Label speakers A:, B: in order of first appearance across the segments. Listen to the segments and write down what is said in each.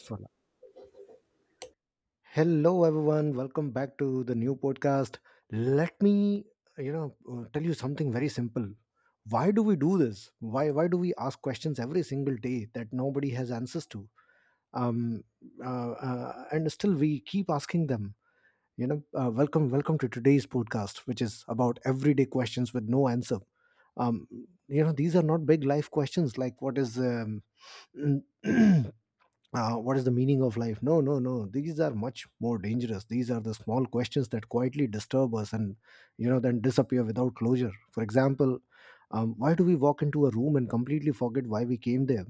A: Swarna. Hello, everyone. Welcome back to the new podcast. Let me, you know, Tell you something very simple. Why do we do this? Why do we ask questions every single day that nobody has answers to? Um, and still we keep asking them. Welcome to today's podcast, which is about everyday questions with no answer. Um, these are not big life questions like what is what is the meaning of life? No, no, no. These are much more dangerous. These are the small questions that quietly disturb us and then disappear without closure. For example, why do we walk into a room and completely forget why we came there?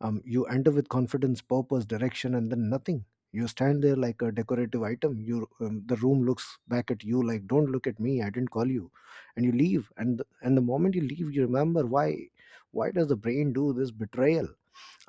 A: You enter with confidence, purpose, direction, and then nothing. You stand there like a decorative item. The room looks back at you like, "Don't look at me. I didn't call you," and you leave. And the moment you leave, you remember why. Why does the brain do this betrayal?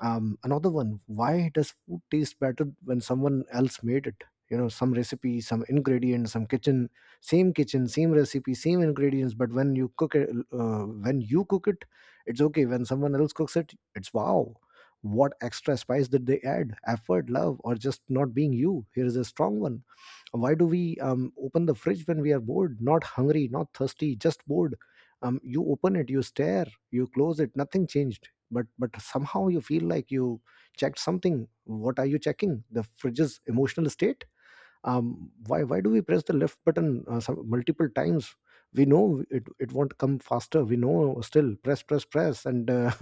A: Another one: why does food taste better when someone else made it? You know, some recipe, some ingredient, some kitchen. Same kitchen, same recipe, same ingredients, but when you cook it, it's okay. When someone else cooks it, it's wow. What extra spice did they add? Effort, love, or just not being you? Here is a strong one. Why do we open the fridge when we are bored? Not hungry, not thirsty, just bored. You open it, you stare, you close it. Nothing changed, but somehow you feel like you checked something. What are you checking? The fridge's emotional state? Why do we press the left button multiple times? We know it won't come faster. We know, still press, press, press, and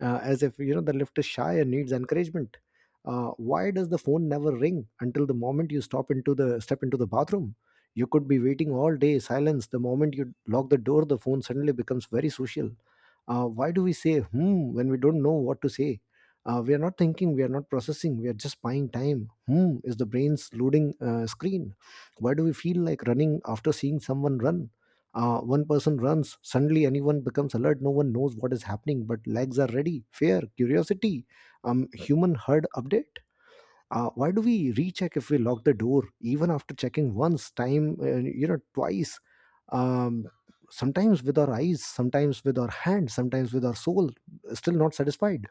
A: as if, you know, the left is shy and needs encouragement. Why does the phone never ring until the moment you stop into the step into the bathroom? You could be waiting all day, silence. The moment you lock the door, the phone suddenly becomes very social. Why do we say "hmm" when we don't know what to say? We are not thinking, we are not processing, we are just buying time. Hmm is the brain's loading screen. Why do we feel like running after seeing someone run? One person runs, suddenly anyone becomes alert. No one knows what is happening, but legs are ready. Fear, curiosity, human herd update. Why do we recheck if we lock the door even after checking once time, twice? um, Sometimes with our eyes, sometimes with our hand, sometimes with our soul, still not satisfied.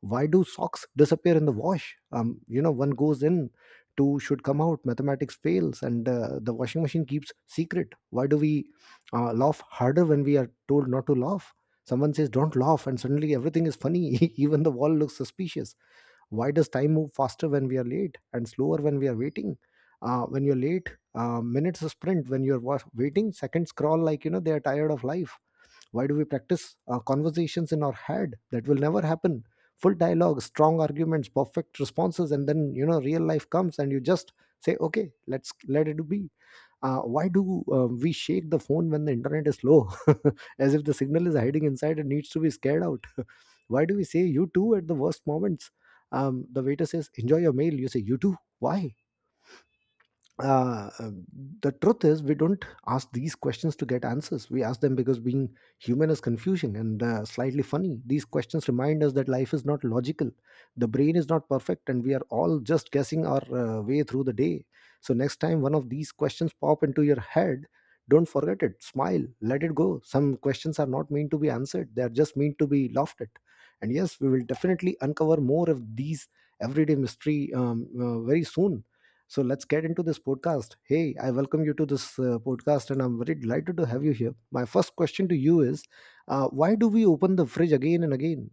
A: Why do socks disappear in the wash? One goes in, two should come out. Mathematics fails, and the washing machine keeps secret. Why do we laugh harder when we are told not to laugh? Someone says don't laugh and suddenly everything is funny. Even the wall looks suspicious. Why does time move faster when we are late and slower when we are waiting? When you're late, minutes sprint. When you're waiting, seconds crawl, like, you know, they are tired of life. Why do we practice conversations in our head that will never happen? Full dialogue, strong arguments, perfect responses, and then, you know, real life comes and you just say okay, let's let it be. Why do we shake the phone when the internet is slow? As if the signal is hiding inside and needs to be scared out. Why do we say "you too" at the worst moments? The waiter says enjoy your meal, you say you too. Why? uh, um, the truth is, we don't ask these questions to get answers. We ask them because being human is confusion and slightly funny. These questions remind us that life is not logical, the brain is not perfect, and we are all just guessing our way through the day. So next time one of these questions pop into your head, don't forget it. Smile, let it go. Some questions are not meant to be answered, they are just meant to be laughed at. And yes, we will definitely uncover more of these everyday mystery very soon. So let's get into this podcast. Hey, I welcome you to this podcast and I'm very delighted to have you here. My first question to you is, why do we open the fridge again and again?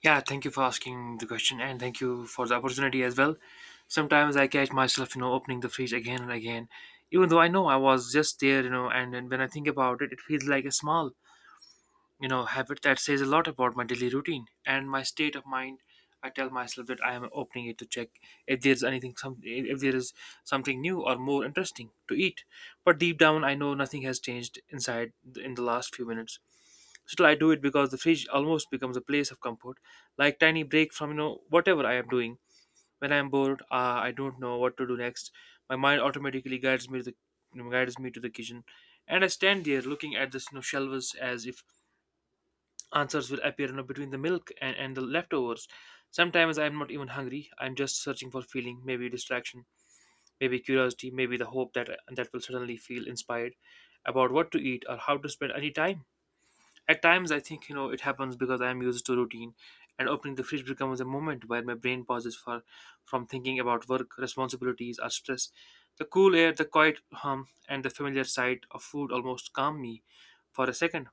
B: Yeah, thank you for asking the question and thank you for the opportunity as well. Sometimes I catch myself, opening the fridge again and again, even though I know I was just there, and when I think about it, it feels like a small, habit that says a lot about my daily routine and my state of mind. I tell myself that I am opening it to check if there's anything, if there is something new or more interesting to eat. But deep down, I know nothing has changed inside in the last few minutes. Still, I do it because the fridge almost becomes a place of comfort, like tiny break from whatever I am doing. When I am bored, I don't know what to do next. My mind automatically guides me to the you know, guides me to the kitchen, and I stand there looking at this shelves as if answers will appear, between the milk and the leftovers. Sometimes I am not even hungry. I am just searching for feeling, maybe distraction, maybe curiosity, maybe the hope that will suddenly feel inspired about what to eat or how to spend any time. At times, I think it happens because I am used to routine, and opening the fridge becomes a moment where my brain pauses for from thinking about work, responsibilities, or stress. The cool air, the quiet hum, and the familiar sight of food almost calm me for a second.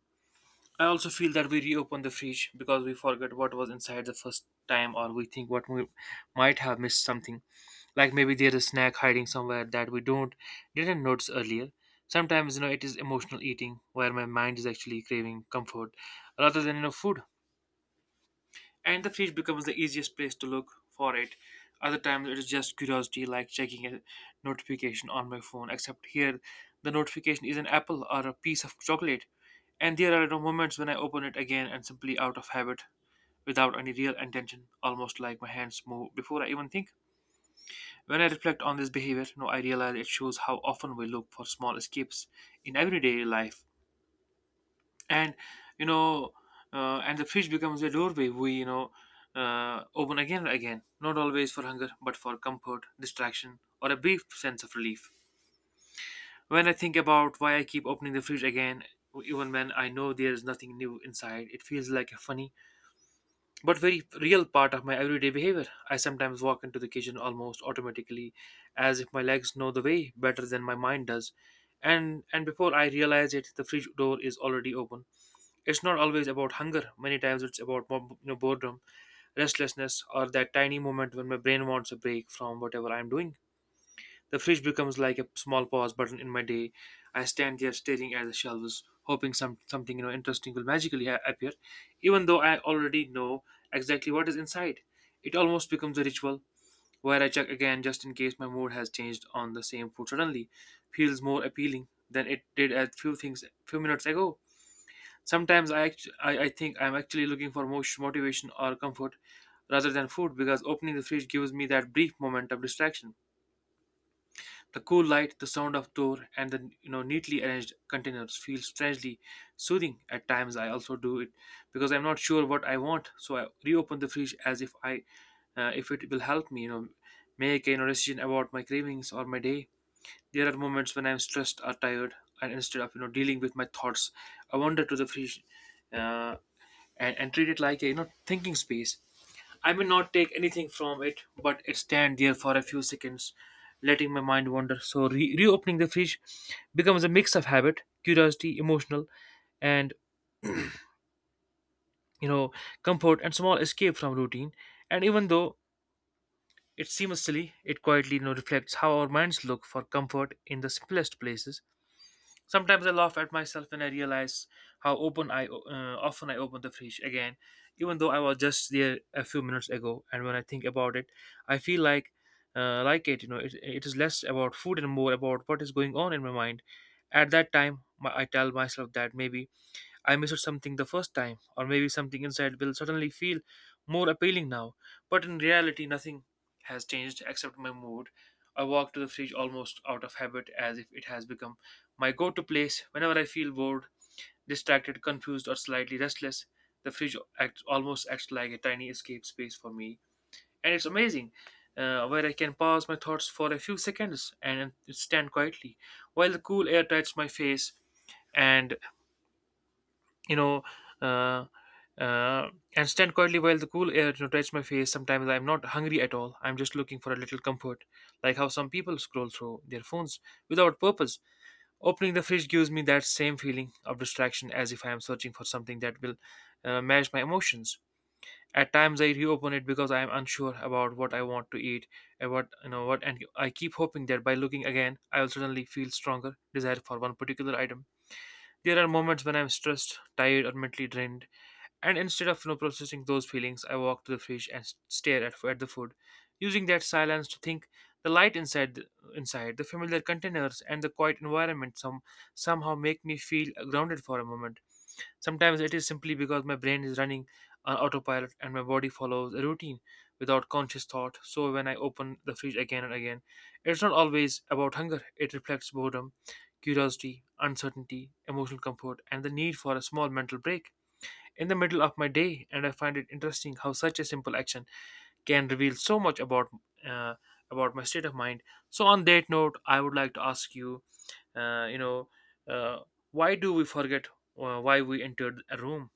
B: I also feel that we reopen the fridge because we forget what was inside the first time, or we think what we might have missed something. Like maybe there's a snack hiding somewhere that we don't didn't notice earlier. Sometimes it is emotional eating where my mind is actually craving comfort rather than food, and the fridge becomes the easiest place to look for it. Other times it is just curiosity, like checking a notification on my phone, except here the notification is an apple or a piece of chocolate. And there are no moments when I open it again and simply out of habit, without any real intention, almost like my hands move before I even think. When I reflect on this behavior, no, I realize it shows how often we look for small escapes in everyday life, and you know and the fridge becomes a doorway we open again and again, not always for hunger but for comfort, distraction, or a brief sense of relief. When I think about why I keep opening the fridge again, even when I know there is nothing new inside, it feels like a funny but very real part of my everyday behavior. I sometimes walk into the kitchen almost automatically, as if my legs know the way better than my mind does, and before I realize it, the fridge door is already open. It's not always about hunger. Many times it's about boredom, restlessness, or that tiny moment when my brain wants a break from whatever I'm doing. The fridge becomes like a small pause button in my day. I stand there staring at the shelves, hoping something interesting will magically appear, even though I already know exactly what is inside. It almost becomes a ritual where I check again just in case my mood has changed on the same food suddenly. Feels more appealing than it did a few things few minutes ago. Sometimes I think I'm actually looking for motivation or comfort rather than food, because opening the fridge gives me that brief moment of distraction. The cool light, the sound of door, and the neatly arranged containers feel strangely soothing. At times I also do it because I'm not sure what I want, so I reopen the fridge as if I if it will help me make a decision about my cravings or my day. There are moments when I'm stressed or tired, and instead of dealing with my thoughts, I wander to the fridge. Uh, and treat it like a thinking space. I may not take anything from it, but it stand there for a few seconds, letting my mind wander. So reopening the fridge becomes a mix of habit, curiosity, emotional, and you know comfort and small escape from routine. And even though it seems silly, it quietly reflects how our minds look for comfort in the simplest places. Sometimes I laugh at myself when I realize how open I often I open the fridge again, even though I was just there a few minutes ago. And when I think about it, I feel like it. You know, it is less about food and more about what is going on in my mind. At that time, I tell myself that maybe I missed something the first time, or maybe something inside will suddenly feel more appealing now. But in reality, nothing has changed except my mood. I walk to the fridge almost out of habit, as if it has become my go to place whenever I feel bored, distracted, confused, or slightly restless. The fridge almost acts like a tiny escape space for me, and it's amazing. Where I can pause my thoughts for a few seconds and stand quietly while the cool air touches my face, and you know, uh, uh, and stand quietly while the cool air touches my face. Sometimes I'm not hungry at all. I'm just looking for a little comfort, like how some people scroll through their phones without purpose. Opening the fridge gives me that same feeling of distraction, as if I am searching for something that will match my emotions. At times, I reopen it because I am unsure about what I want to eat and what you know what, and I keep hoping that by looking again, I will suddenly feel stronger desire for one particular item. There are moments when I'm stressed, tired, or mentally drained, and instead of processing those feelings, I walk to the fridge and stare at the food, using that silence to think. The light inside, inside the familiar containers and the quiet environment somehow make me feel grounded for a moment. Sometimes it is simply because my brain is running on autopilot and my body follows a routine without conscious thought. So when I open the fridge again and again, it's not always about hunger. It reflects boredom, curiosity, uncertainty, emotional comfort, and the need for a small mental break in the middle of my day, and I find it interesting how such a simple action can reveal so much uh, about my state of mind. So, on that note, I would like to ask you, uh, you know, uh, why do we forget why we entered a room?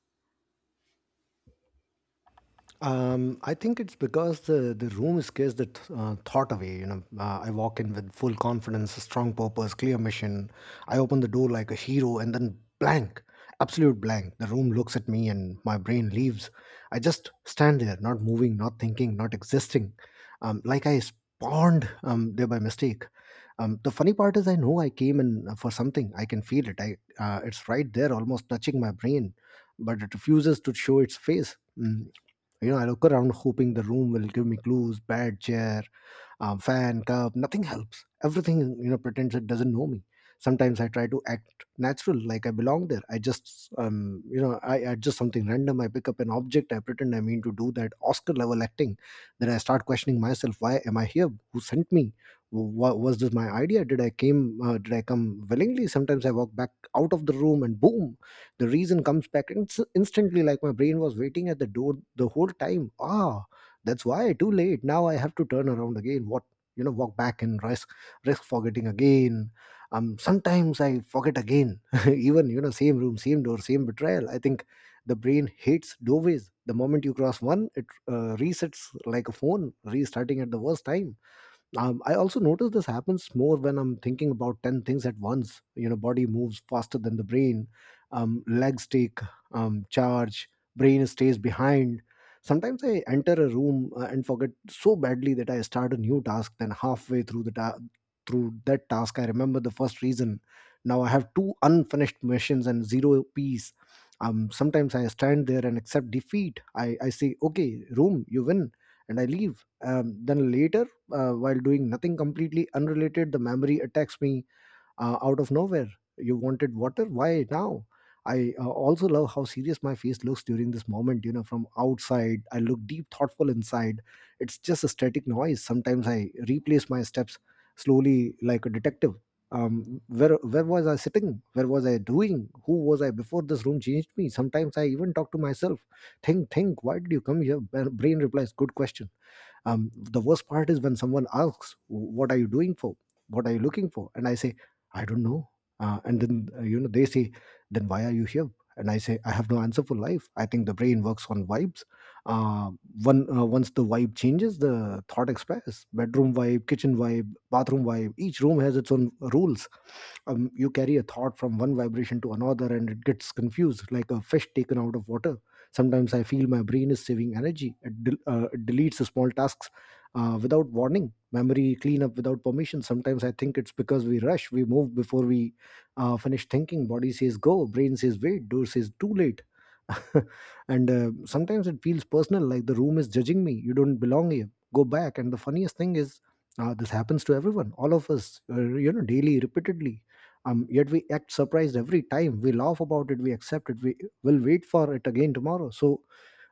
A: I think it's because the room scares the thought away. You know, I walk in with full confidence, strong purpose, clear mission. I open the door like a hero, and then blank, absolute blank. The room looks at me, and my brain leaves. I just stand there, not moving, not thinking, not existing, like I spawned there by mistake. The funny part is, I know I came in for something. I can feel it. I It's right there, almost touching my brain, but it refuses to show its face. Mm, you know, I look around hoping the room will give me clues. Bad chair, fan curve, nothing helps. Everything, you know, pretends it doesn't know me. Sometimes I try to act natural, like I belong there. I just, I adjust something random, I pick up an object, I pretend I mean to do that. Oscar level acting. Then I start questioning myself. Why am I here? Who sent me? Was this my idea? Did I come willingly? Sometimes I walk back out of the room and boom, the reason comes back instantly, like my brain was waiting at the door the whole time. Ah, that's why. Too late. Now I have to turn around again. What, you know, walk back and risk, risk forgetting again. Sometimes I forget again. Even, you know, same room, same door, same betrayal. I think the brain hates doorways. The moment you cross one, it resets like a phone, restarting at the worst time. I also notice this happens more when I'm thinking about 10 things at once. You know, body moves faster than the brain. Legs take charge, brain stays behind. Sometimes I enter a room and forget so badly that I start a new task, then halfway through through that task I remember the first reason. Now I have two unfinished missions and zero peace. Sometimes I stand there and accept defeat. I say okay, room, you win, and I leave. Then later, while doing nothing completely unrelated, the memory attacks me out of nowhere. You wanted water? Why now? I also love how serious my face looks during this moment. You know, from outside, I look deep, thoughtful. Inside, it's just a static noise. Sometimes I replace my steps slowly like a detective. Where was I sitting? Where was I doing? Who was I before this room changed me? Sometimes I even talk to myself. Think, think. Why did you come here? Brain replies, "Good question." The worst part is when someone asks, what are you doing for, what are you looking for, and I say I don't know. And then they say then why are you here, and I say I have no answer for life. I think the brain works on vibes. Uh, one Once the vibe changes, the thought expires. Bedroom vibe, kitchen vibe, bathroom vibe, each room has its own rules. You carry a thought from one vibration to another and it gets confused like a fish taken out of water. Sometimes I feel my brain is saving energy. It deletes the small tasks without warning. Memory cleanup without permission. Sometimes I think it's because we rush. We move before we finish thinking. Body says go, brain says wait, door says too late. And sometimes it feels personal, like the room is judging me. You don't belong here, go back. And the funniest thing is, this happens to everyone, all of us, daily, repeatedly. Yet we act surprised every time. We laugh about it, we accept it, we will wait for it again tomorrow. So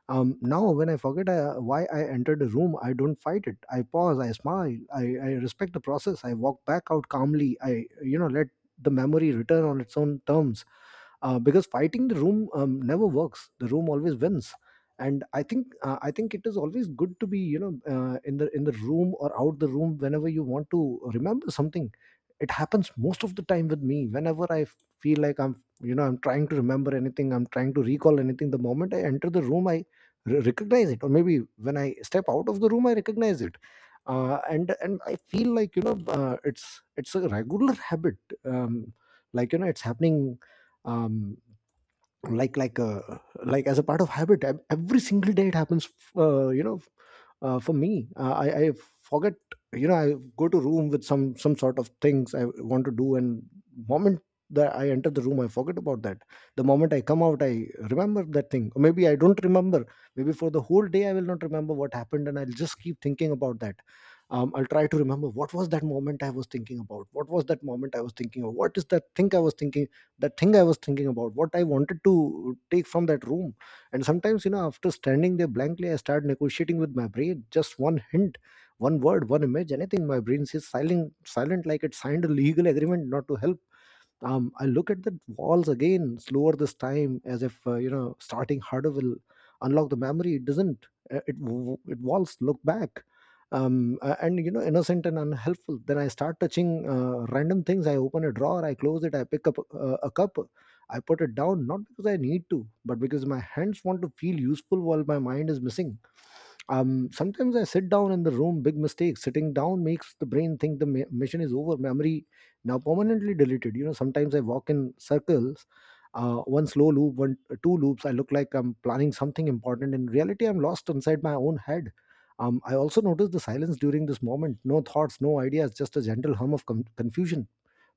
A: now when I forget why I entered the room, I don't fight it. I pause, I smile, I respect the process. I walk back out calmly. I let the memory return on its own terms, because fighting the room never works. The room always wins. And I think, I think it is always good to be, you know, in the room or out the room whenever you want to remember something. It happens most of the time with me whenever I feel like I'm you know I'm trying to remember anything, I'm trying to recall anything. The moment I enter the room, I recognize it, or maybe when I step out of the room I recognize it. And I feel like it's a regular habit. um, Like, it's happening. um, like like uh, like as a part of habit, every single day it happens. uh, you know for me, I forget. You know, I go to room with some sort of things I want to do, and moment that I enter the room I forget about that. The moment I come out, I remember that thing, or maybe I don't remember. Maybe for the whole day I will not remember what happened, and I'll just keep thinking about that. I'll try to remember what was that moment I was thinking about, what was that moment I was thinking of, what is that thing I was thinking, that thing I was thinking about, what I wanted to take from that room. And sometimes, you know, after standing there blankly, I start negotiating with my brain. Just one hint, one word, one image, anything. My brain says silent, silent, like it signed a legal agreement not to help. I look at the walls again, slower this time, as if, you know, starting harder will unlock the memory. It doesn't. It walls look back, and, you know, innocent and unhelpful. Then I start touching random things. I open a drawer, I close it, I pick up a cup, I put it down, not because I need to, but because my hands want to feel useful while my mind is missing. Sometimes I sit down in the room. Big mistake. Sitting down makes the brain think the mission is over, memory now permanently deleted. You know, sometimes I walk in circles, one slow loop, 1 2 loops. I look like I'm planning something important. In reality, I'm lost inside my own head. I also notice the silence during this moment. No thoughts, no ideas, just a gentle hum of confusion,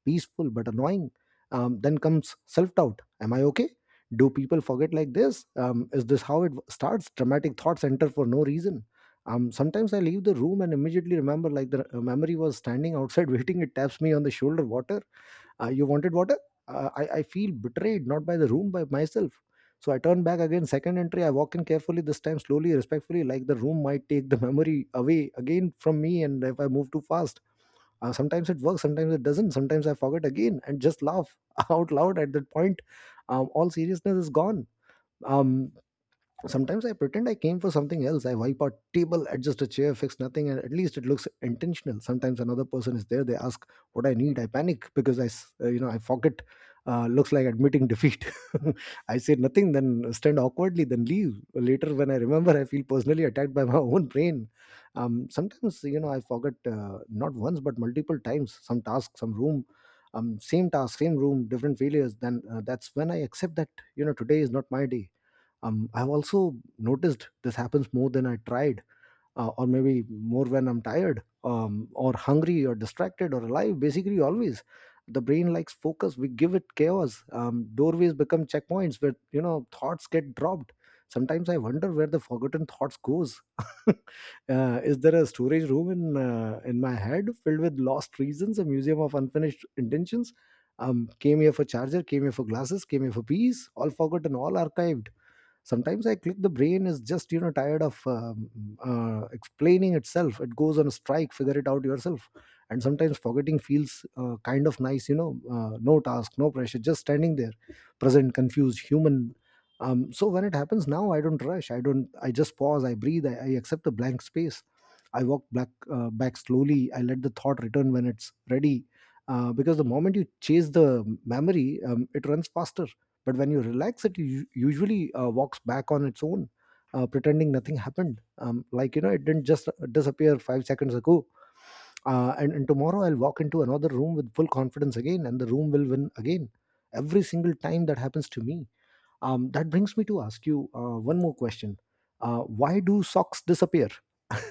A: peaceful but annoying. Then comes self doubt. Am I okay? Do people forget like this? Is this how it starts? Dramatic thoughts enter for no reason. Sometimes I leave the room and immediately remember, like the memory was standing outside waiting. It taps me on the shoulder. Water. You wanted water? I feel betrayed, not by the room, by myself. So I turn back again, second entry. I walk in carefully, this time slowly, respectfully, like the room might take the memory away again from me. And if I move too fast, sometimes it works, sometimes it doesn't. Sometimes I forget again and just laugh out loud at that point. All seriousness is gone. Um, Sometimes I pretend I came for something else. I wipe out table, adjust a chair, fix nothing, and at least it looks intentional. Sometimes another person is there. They ask what I need. I panic because you know, I forget. Looks like admitting defeat. I say nothing, then stand awkwardly, then leave. Later, when I remember, I feel personally attacked by my own brain. Sometimes, you know, I forget not once but multiple times. Some task, some room, same task, same room, different failures. Then that's when I accept that, you know, today is not my day. I've also noticed this happens more than I tried, or maybe more when I'm tired, or hungry or distracted or alive, basically always. The brain likes focus, we give it chaos. Um, doorways become checkpoints where, you know, thoughts get dropped. Sometimes I wonder where the forgotten thoughts goes. Uh, is there a storage room in in my head filled with lost reasons, a museum of unfinished intentions? Um, came here for charger, came here for glasses, came here for peace, all forgotten, all archived. Sometimes I click, the brain is just, you know, tired of explaining itself. It goes on a strike. Figure it out yourself. And sometimes forgetting feels kind of nice, you know. Uh, no task, no pressure, just standing there, present, confused human. Um, so when it happens now, I don't rush, I don't, I just pause, I breathe, I accept the blank space. I walk back, back slowly, I let the thought return when it's ready, because the moment you chase the memory, it runs faster. But when you relax, it usually walks back on its own, pretending nothing happened, like, you know, it didn't just disappear 5 seconds ago. And tomorrow I'll walk into another room with full confidence again, and the room will win again, every single time that happens to me. Um, that brings me to ask you one more question. Uh, why do socks disappear?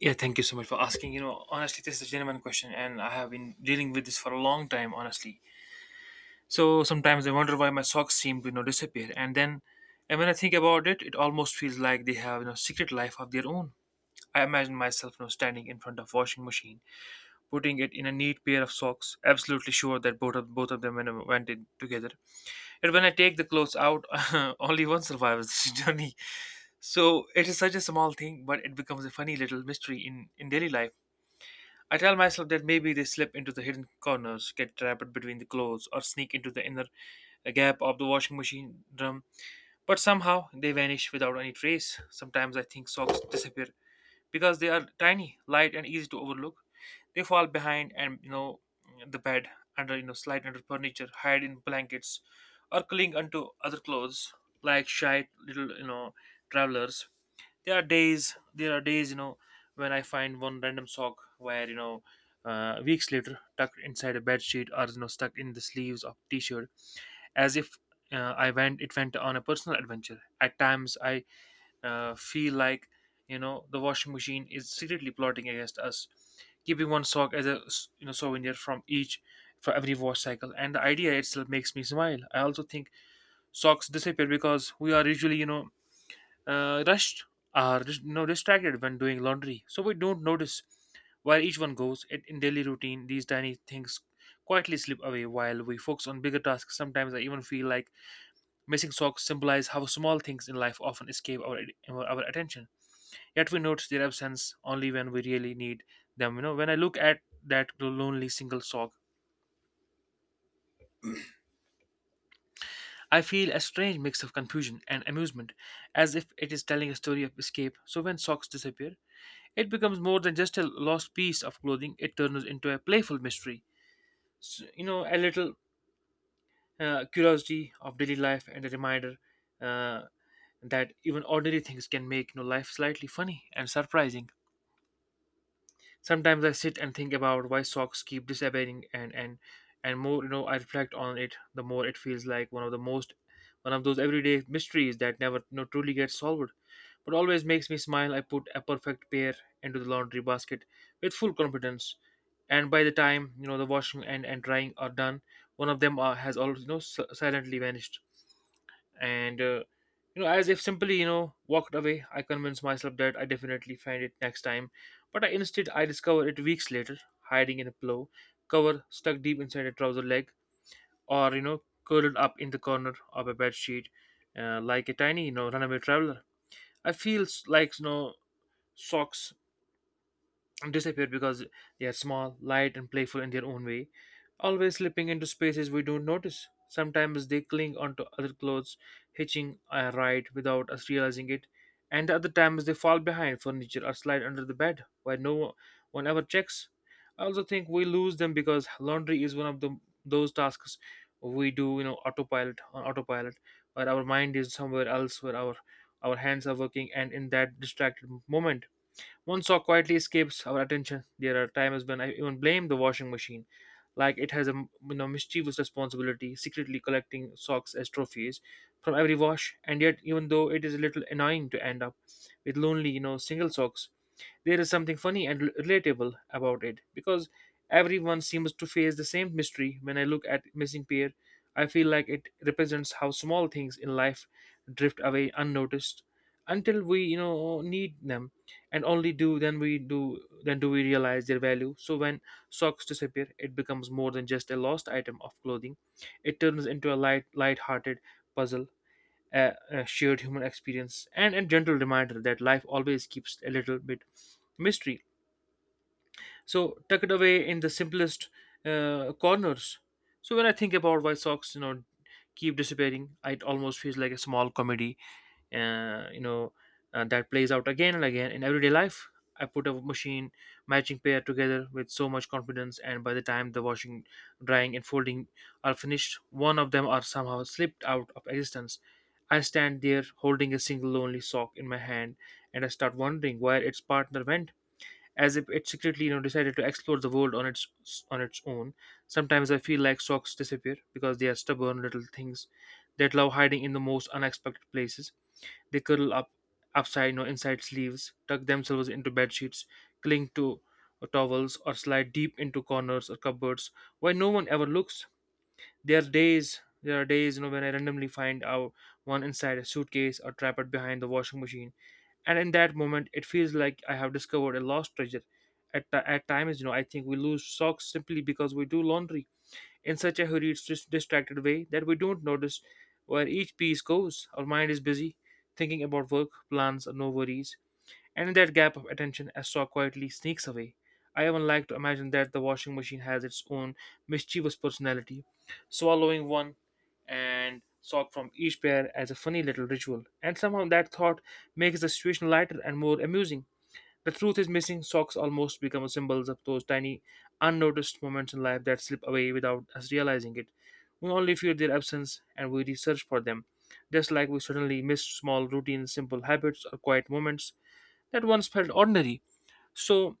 B: Yeah, thank you so much for asking. You know, honestly, this is a genuine question, and I have been dealing with this for a long time, honestly. So sometimes I wonder why my socks seem to disappear, and when I think about it, it almost feels like they have secret life of their own. I imagined myself now standing in front of washing machine, putting it in a neat pair of socks, absolutely sure that both of them went in together. Yet when I take the clothes out, only one survives this journey. So it is such a small thing, but it becomes a funny little mystery in daily life. I tell myself that maybe they slip into the hidden corners, get trapped between the clothes, or sneak into the inner gap of the washing machine drum, but somehow they vanish without any trace. Sometimes I think socks disappear because they are tiny, light, and easy to overlook. They fall behind and the bed, under slide under furniture, hide in blankets, or cling onto other clothes like shy little travelers. There are days when I find one random sock where weeks later, tucked inside a bed sheet or stuck in the sleeves of t-shirt, as if I went it went on a personal adventure. At times, I feel like the washing machine is secretly plotting against us, keeping one sock as a souvenir from each for every wash cycle. And the idea itself makes me smile. I also think socks disappear because we are usually rushed or distracted when doing laundry, so we don't notice where each one goes. In daily routine, these tiny things quietly slip away while we focus on bigger tasks. Sometimes I even feel like missing socks symbolize how small things in life often escape our attention. Yet we notice their absence only when we really need them. You know, when I look at that lonely single sock, I feel a strange mix of confusion and amusement, as if it is telling a story of escape. So when socks disappear, it becomes more than just a lost piece of clothing. It turns into a playful mystery. A little curiosity of daily life and a reminder uh, that even ordinary things can make life slightly funny and surprising. Sometimes I sit and think about why socks keep disappearing and more you know I reflect on it, the more it feels like one of those everyday mysteries that never truly gets solved, but always makes me smile. I put a perfect pair into the laundry basket with full confidence, and by the time the washing and drying are done, one of them has always silently vanished and you know as if simply walked away. I convinced myself that I definitely find it next time, but I instead I discovered it weeks later, hiding in a pillow cover, stuck deep inside a trouser leg, or curled up in the corner of a bed sheet, like a tiny runaway traveler. I feel like socks disappear because they are small, light, and playful in their own way, always slipping into spaces we don't notice. Sometimes they cling onto other clothes, hitching a ride without us realizing it, and the other times they fall behind furniture or slide under the bed where no one ever checks. I also think we lose them because laundry is one of the those tasks we do, autopilot on autopilot, where our mind is somewhere else, where our hands are working, and in that distracted moment one sock quietly escapes our attention. There are times when I even blame the washing machine, like it has a mischievous responsibility, secretly collecting socks as trophies from every wash. And yet, even though it is a little annoying to end up with lonely, single socks, there is something funny and relatable about it because everyone seems to face the same mystery. When I look at missing pair, I feel like it represents how small things in life drift away unnoticed until we need them, and only do then we do then do we realize their value. So when socks disappear, it becomes more than just a lost item of clothing. It turns into a light-hearted puzzle, a shared human experience, and a gentle reminder that life always keeps a little bit mystery, so tucked away in the simplest corners. So when I think about why socks keep disappearing, it almost feels like a small comedy uh, you know that plays out again and again in everyday life. I put a machine matching pair together with so much confidence, and by the time the washing, drying, and folding are finished, one of them are somehow slipped out of existence. I stand there holding a single lonely sock in my hand, and I start wondering where its partner went, as if it secretly decided to explore the world on its own. Sometimes I feel like socks disappear because they are stubborn little things that love hiding in the most unexpected places. They curl up upside or inside sleeves, tuck themselves into bed sheets, cling to towels, or slide deep into corners or cupboards where no one ever looks. There are days, when I randomly find out one inside a suitcase or trapped behind the washing machine, and in that moment, it feels like I have discovered a lost treasure. At times, I think we lose socks simply because we do laundry in such a hurried, distracted way that we don't notice where each piece goes. Our mind is busy thinking about work, plans, and no worries, and in that gap of attention, a saw quietly sneaks away. I even like to imagine that the washing machine has its own mischievous personality, swallowing one and sock from each pair as a funny little ritual. And somehow that thought makes the situation lighter and more amusing. The truth is, missing socks almost become symbols of those tiny, unnoticed moments in life that slip away without us realizing it. We only feel their absence and we research for them, just like we suddenly miss small routines, simple habits, or quiet moments that once felt ordinary. So,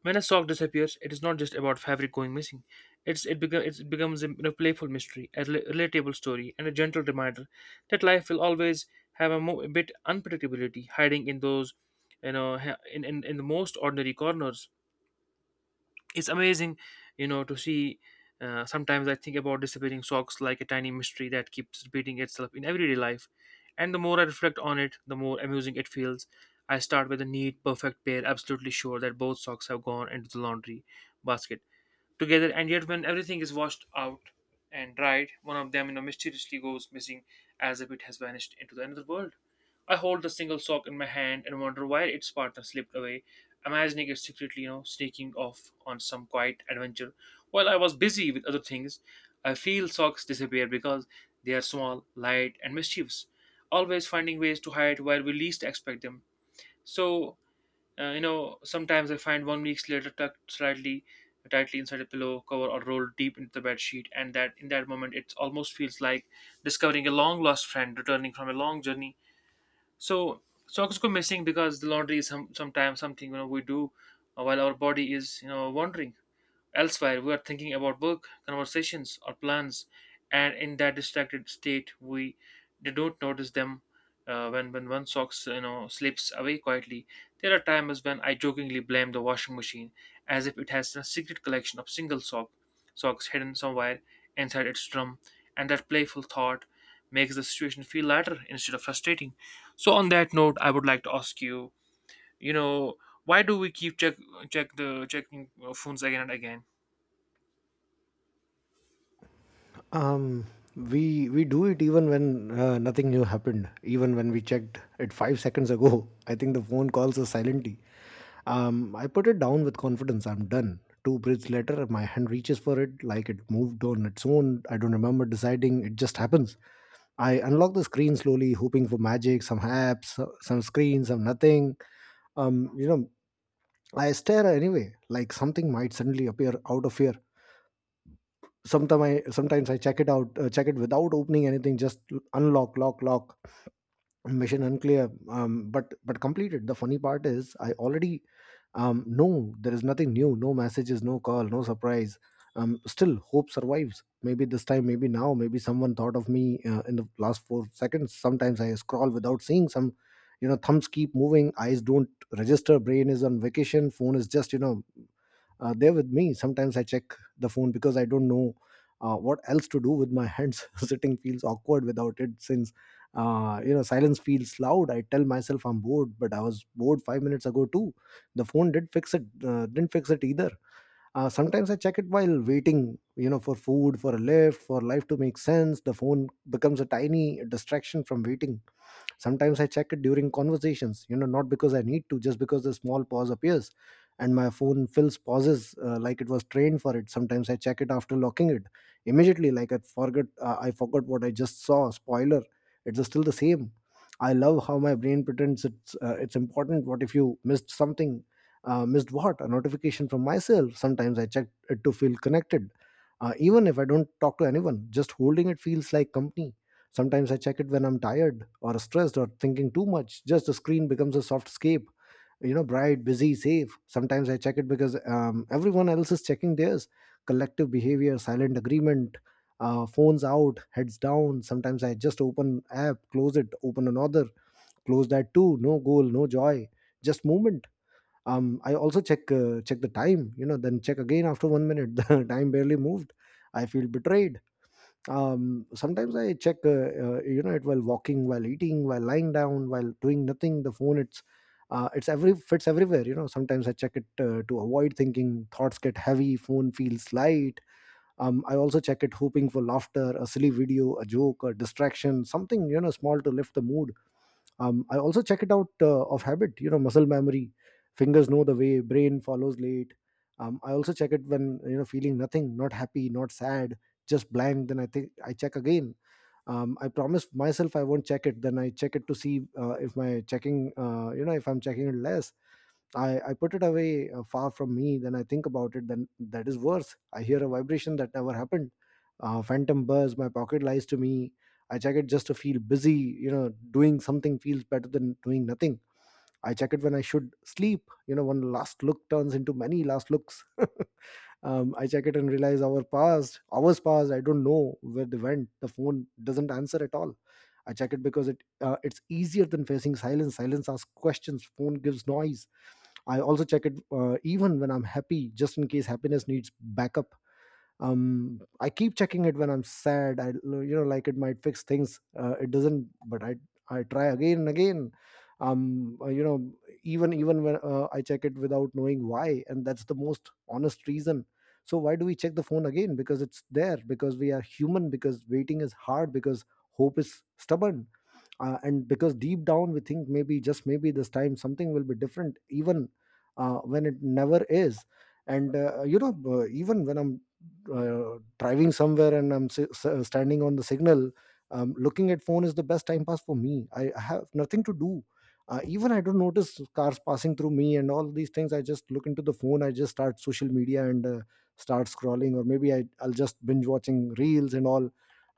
B: when a sock disappears, it is not just about fabric going missing. It becomes a playful mystery, a relatable story, and a gentle reminder that life will always have a bit unpredictability hiding in those, you know, ha- in the most ordinary corners. It's amazing to see. Uh, sometimes I think about disappearing socks like a tiny mystery that keeps repeating itself in everyday life, and the more I reflect on it, the more amusing it feels. I start with a neat perfect pair, absolutely sure that both socks have gone into the laundry basket together, and yet when everything is washed out and dried, one of them mysteriously goes missing, as if it has vanished into the another world. I hold the single sock in my hand and wonder why its partner slipped away, imagining it secretly sneaking off on some quiet adventure while I was busy with other things. I feel socks disappear because they are small, light, and mischievous, always finding ways to hide where we least expect them. So sometimes I find one week later, tucked slightly tightly inside a pillow cover or rolled deep into the bed sheet, and that in that moment it almost feels like discovering a long lost friend returning from a long journey. So socks go missing because the laundry is sometimes something we do while our body is wandering elsewhere. We are thinking about work, conversations, or plans, and in that distracted state, we they don't notice them. When one sock slips away quietly, there are times when I jokingly blame the washing machine, as if it has a secret collection of single socks hidden somewhere inside its drum, and that playful thought makes the situation feel lighter instead of frustrating. So on that note, I would like to ask you, you know, why do we keep checking phones again and again?
A: Um, we do it even when, nothing new happened. Even when we checked it 5 seconds ago, I think the phone calls us silently. I put it down with confidence. I'm done. Two breaths later, my hand reaches for it like it moved on its own. I don't remember deciding. It just happens. I unlock the screen slowly, hoping for magic. Some apps, some screens, some nothing. You know, I stare anyway, like something might suddenly appear out of here. Sometimes I check it out, check it without opening anything, just unlock, lock, lock, mission unclear. But completed. The funny part is I already, know there is nothing new, no messages, no call, no surprise. Um, still hope survives. Maybe this time, maybe now, maybe someone thought of me in the last 4 seconds. Sometimes I scroll without seeing some, you know, thumbs keep moving, eyes don't register, brain is on vacation, phone is just, you know, there with me. Sometimes I check the phone because I don't know what else to do with my hands. Sitting feels awkward without it, since, you know, silence feels loud. I tell myself I'm bored, but I was bored 5 minutes ago too. The phone did fix it, didn't fix it either. Sometimes I check it while waiting, you know, for food, for a lift, for life to make sense. The phone becomes a tiny distraction from waiting. Sometimes I check it during conversations, you know, not because I need to, just because the small pause appears and my phone fills pauses, like it was trained for it. Sometimes I check it after locking it immediately, like I forgot what I just saw. Spoiler, it's still the same. I love how my brain pretends it's it's important. What if you missed something? Missed what? A notification from myself. Sometimes I check it to feel connected, even if I don't talk to anyone. Just holding it feels like company. Sometimes I check it when I'm tired or stressed or thinking too much. Just the screen becomes a soft escape, you know, bright, busy, safe. Sometimes I check it because, everyone else is checking theirs. Collective behavior, silent agreement, phones out, heads down. Sometimes I just open app, close it, open another, close that too. No goal, no joy, just movement. I also check the time, you know, then check again after 1 minute. The time barely moved. I feel betrayed. Um, sometimes I check you know, it while walking, while eating, while lying down, while doing nothing. The phone it's, it's every fits everywhere, you know. Sometimes I check it to avoid thinking. Thoughts get heavy, phone feels light. Um, I also check it hoping for laughter, a silly video, a joke, a distraction, something, you know, small to lift the mood. Um, I also check it out of habit, you know, muscle memory, fingers know the way, brain follows late. Um, I also check it when, you know, feeling nothing, not happy, not sad, just blank, then I think I check again. Um, I promise myself I won't check it, then I check it to see if my checking you know, if I'm checking it less. I put it away, far from me. Then I think about it. Then that is worse. I hear a vibration that never happened. Phantom buzz. My pocket lies to me. I check it just to feel busy. You know, doing something feels better than doing nothing. I check it when I should sleep. You know, one last look turns into many last looks. Um, I check it and realize hour passed. Hours passed. I don't know where they went. The phone doesn't answer at all. I check it because it's easier than facing silence. Silence asks questions. Phone gives noise. I also check it even when I'm happy, just in case happiness needs backup. I keep checking it when I'm sad. I, you know, like it might fix things. It doesn't, but I try again and again. You know, even when, I check it without knowing why, and that's the most honest reason. So why do we check the phone again? Because it's there. Because we are human. Because waiting is hard. Because hope is stubborn, and because deep down we think, maybe, just maybe, this time something will be different, even when it never is. And you know, even when I'm driving somewhere and I'm standing on the signal, looking at phone is the best time pass for me. I have nothing to do. Uh, even I don't notice cars passing through me and all these things. I just look into the phone, I just start social media, and start scrolling, or maybe I'll just binge watching reels and all,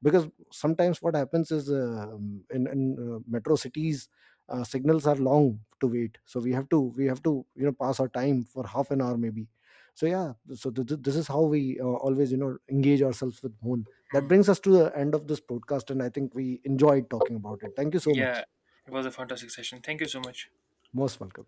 A: because sometimes what happens is, um, in metro cities, signals are long to wait, so we have to you know, pass our time for half an hour maybe. So yeah, so this is how we, always, you know, engage ourselves with phone. That
B: Mm,
A: brings us to the end of this podcast, and I think we enjoyed talking about it. Thank you so
B: yeah,
A: much.
B: it was a fantastic session. Thank you so much.
A: Most welcome.